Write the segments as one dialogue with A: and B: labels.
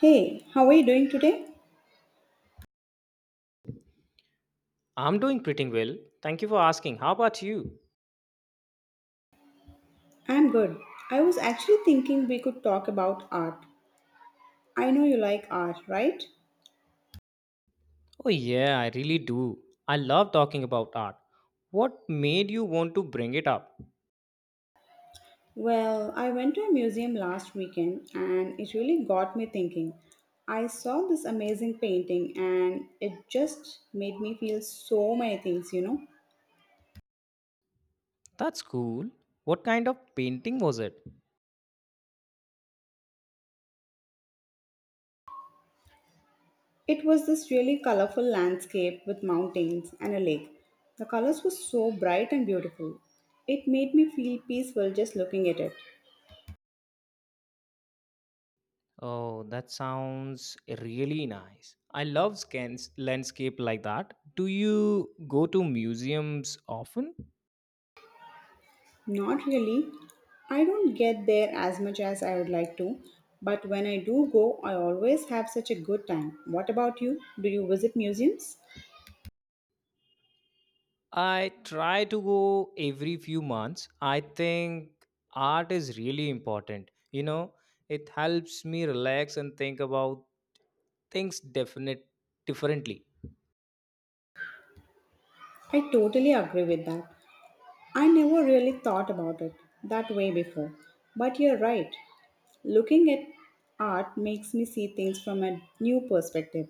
A: Hey, how are you doing today?
B: I'm doing pretty well. Thank you for asking. How about you?
A: I'm good. I was actually thinking we could talk about art. I know you like art, right?
B: Oh, yeah, I really do. I love talking about art. What made you want to bring it up?
A: Well, I went to a museum last weekend and it really got me thinking. I saw this amazing painting and it just made me feel so many things.
B: That's cool. What kind of painting was it?
A: It was this really colorful landscape with mountains and a lake. The colors were so bright and beautiful. It made me feel peaceful just looking at it.
B: Oh, that sounds really nice. I love scans, landscape like that. Do you go to museums often?
A: Not really. I don't get there as much as I would like to, but when I do go, I always have such a good time. What about you? Do you visit museums?
B: I try to go every few months. I think art is really important. You know, it helps me relax and think about things definite differently.
A: I totally agree with that. I never really thought about it that way before, but you're right. Looking at art makes me see things from a new perspective.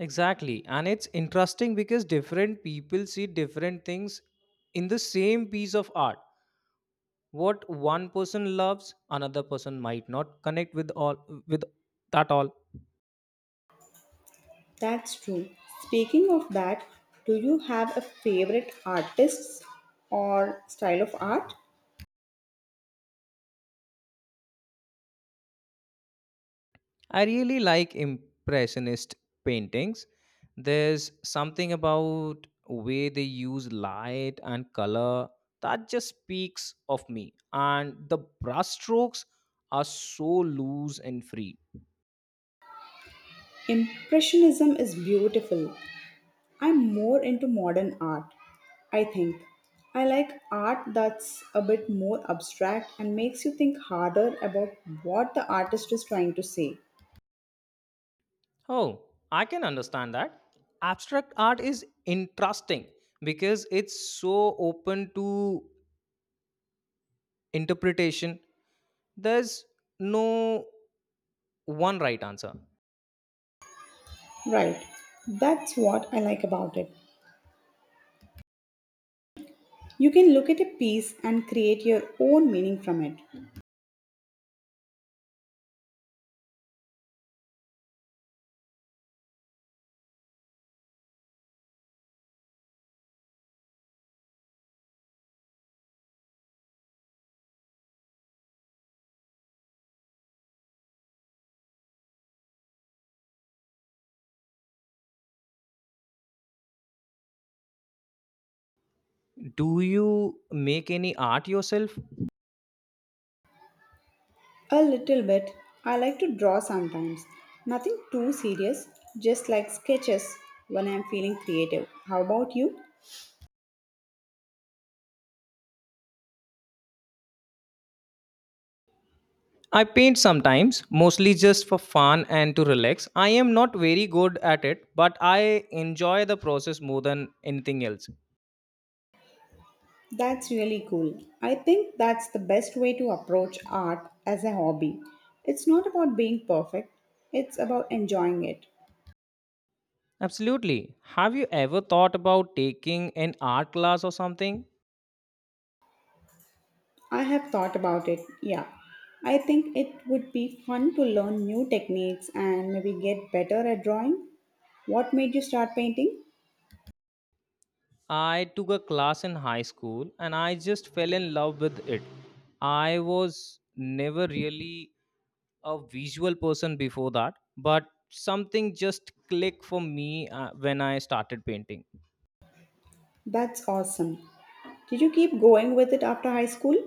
B: Exactly. And it's interesting because different people see different things in the same piece of art. What one person loves, another person might not connect with that all.
A: That's true. Speaking of that, do you have a favorite artist or style of art?
B: I really like impressionist paintings. There's something about way they use light and color that just speaks of me, and the brush strokes are so loose and free.
A: Impressionism is beautiful. I'm more into modern art, I think. I like art that's a bit more abstract and makes you think harder about what the artist is trying to say.
B: Oh, I can understand that. Abstract art is interesting because it's so open to interpretation. There's no one right answer.
A: Right, that's what I like about it. You can look at a piece and create your own meaning from it.
B: Do you make any art yourself?
A: A little bit, I like to draw sometimes. Nothing too serious, just like sketches when I'm feeling creative. How about you?
B: I paint sometimes, mostly just for fun and to relax. I am not very good at it, but I enjoy the process more than anything else.
A: That's really cool. I think that's the best way to approach art as a hobby. It's not about being perfect, it's about enjoying it.
B: Absolutely. Have you ever thought about taking an art class or something?
A: I have thought about it, yeah. I think it would be fun to learn new techniques and maybe get better at drawing. What made you start painting?
B: I took a class in high school and I just fell in love with it. I was never really a visual person before that, but something just clicked for me when I started painting.
A: That's awesome. Did you keep going with it after high school?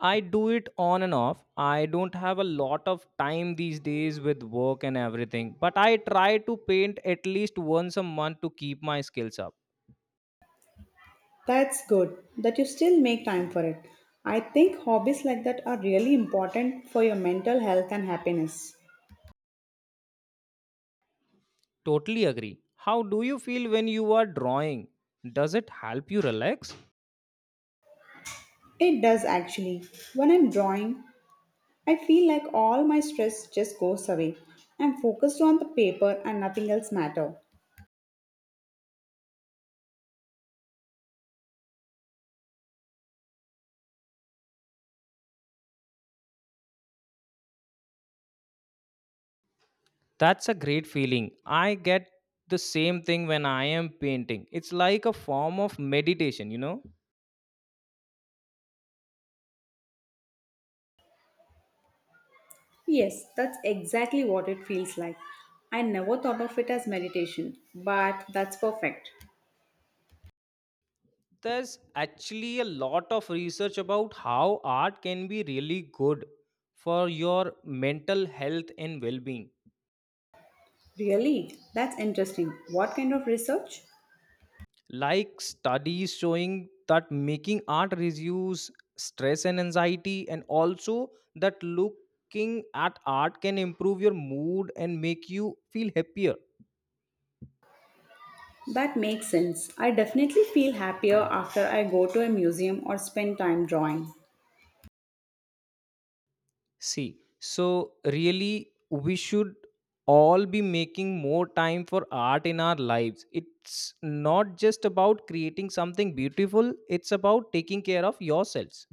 B: I do it on and off. I don't have a lot of time these days with work and everything, but I try to paint at least once a month to keep my skills up.
A: That's good that you still make time for it. I think hobbies like that are really important for your mental health and happiness.
B: Totally agree. How do you feel when you are drawing? Does it help you relax?
A: It does actually. When I'm drawing, I feel like all my stress just goes away. I'm focused on the paper and nothing else matter.
B: That's a great feeling. I get the same thing when I am painting. It's like a form of meditation, you know?
A: Yes, that's exactly what it feels like. I never thought of it as meditation, but that's perfect.
B: There's actually a lot of research about how art can be really good for your mental health and well-being,
A: Really? That's interesting. What kind of research?
B: like studies showing that making art reduce stress and anxiety, and also that looking at art can improve your mood and make you feel happier.
A: That makes sense. I definitely feel happier after I go to a museum or spend time drawing.
B: See, so really, we should all be making more time for art in our lives. It's not just about creating something beautiful, it's about taking care of yourselves.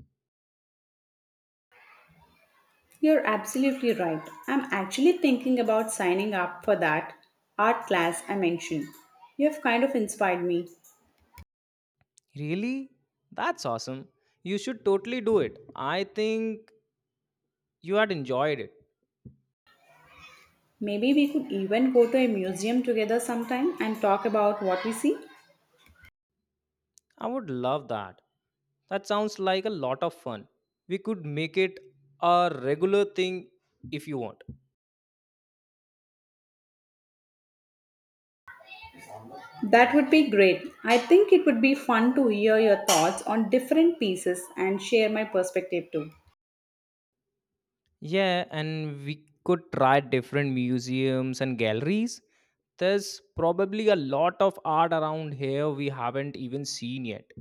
A: You're absolutely right. I'm actually thinking about signing up for that art class I mentioned. You have kind of inspired me.
B: Really? That's awesome. You should totally do it. I think you had enjoyed it.
A: Maybe we could even go to a museum together sometime and talk about what we see.
B: I would love that. That sounds like a lot of fun. We could make it a regular thing if you want.
A: That would be great. I think it would be fun to hear your thoughts on different pieces and share my perspective too.
B: Yeah, and we could try different museums and galleries. There's probably a lot of art around here we haven't even seen yet.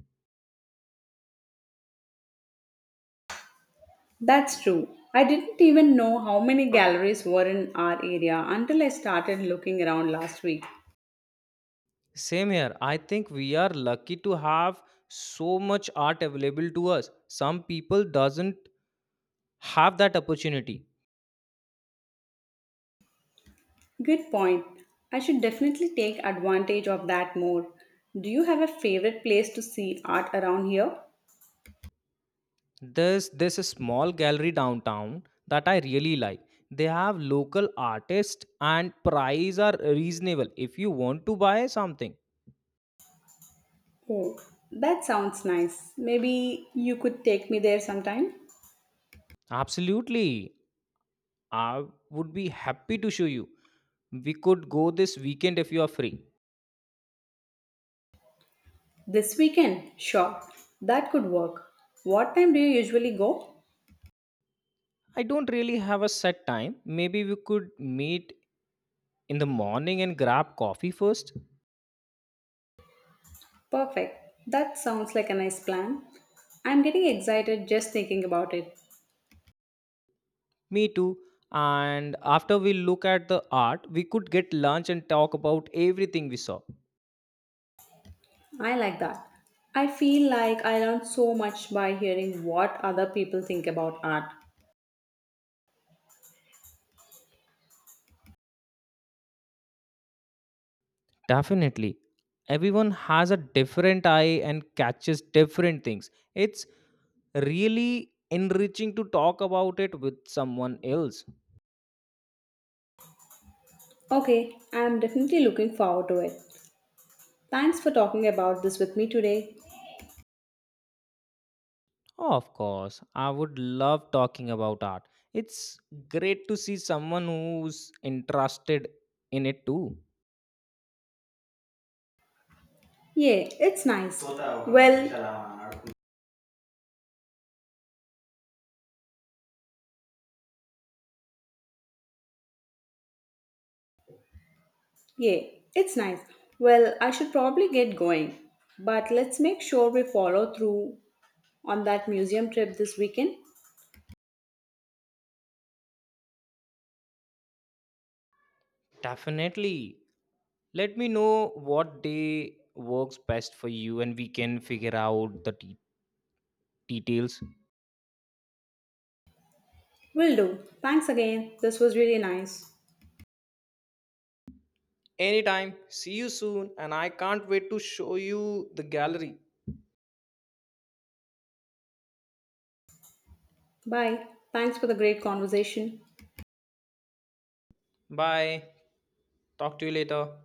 A: That's true. I didn't even know how many galleries were in our area until I started looking around last week.
B: Same here. I think we are lucky to have so much art available to us. Some people doesn't have that opportunity.
A: Good point. I should definitely take advantage of that more. Do you have a favorite place to see art around here?
B: There's this small gallery downtown that I really like. They have local artists and price are reasonable if you want to buy something.
A: Oh, that sounds nice. Maybe you could take me there sometime?
B: Absolutely. I would be happy to show you. We could go this weekend if you are free.
A: This weekend? Sure. That could work. What time do you usually go?
B: I don't really have a set time. Maybe we could meet in the morning and grab coffee first.
A: Perfect. That sounds like a nice plan. I'm getting excited just thinking about it.
B: Me too. And after we look at the art, we could get lunch and talk about everything we saw.
A: I like that. I feel like I learn so much by hearing what other people think about art.
B: Definitely. Everyone has a different eye and catches different things. It's really enriching to talk about it with someone else.
A: Okay, I'm definitely looking forward to it. Thanks for talking about this with me today.
B: Oh, of course. I would love talking about art. It's great to see someone who's interested in it too.
A: Yeah, it's nice. Well, yeah, it's nice. Well, I should probably get going, but let's make sure we follow through on that museum trip this weekend.
B: Definitely. Let me know what day works best for you and we can figure out the details.
A: Will do. Thanks again. This was really nice.
B: Anytime. See you soon. And I can't wait to show you the gallery.
A: Bye. Thanks for the great conversation.
B: Bye. Talk to you later.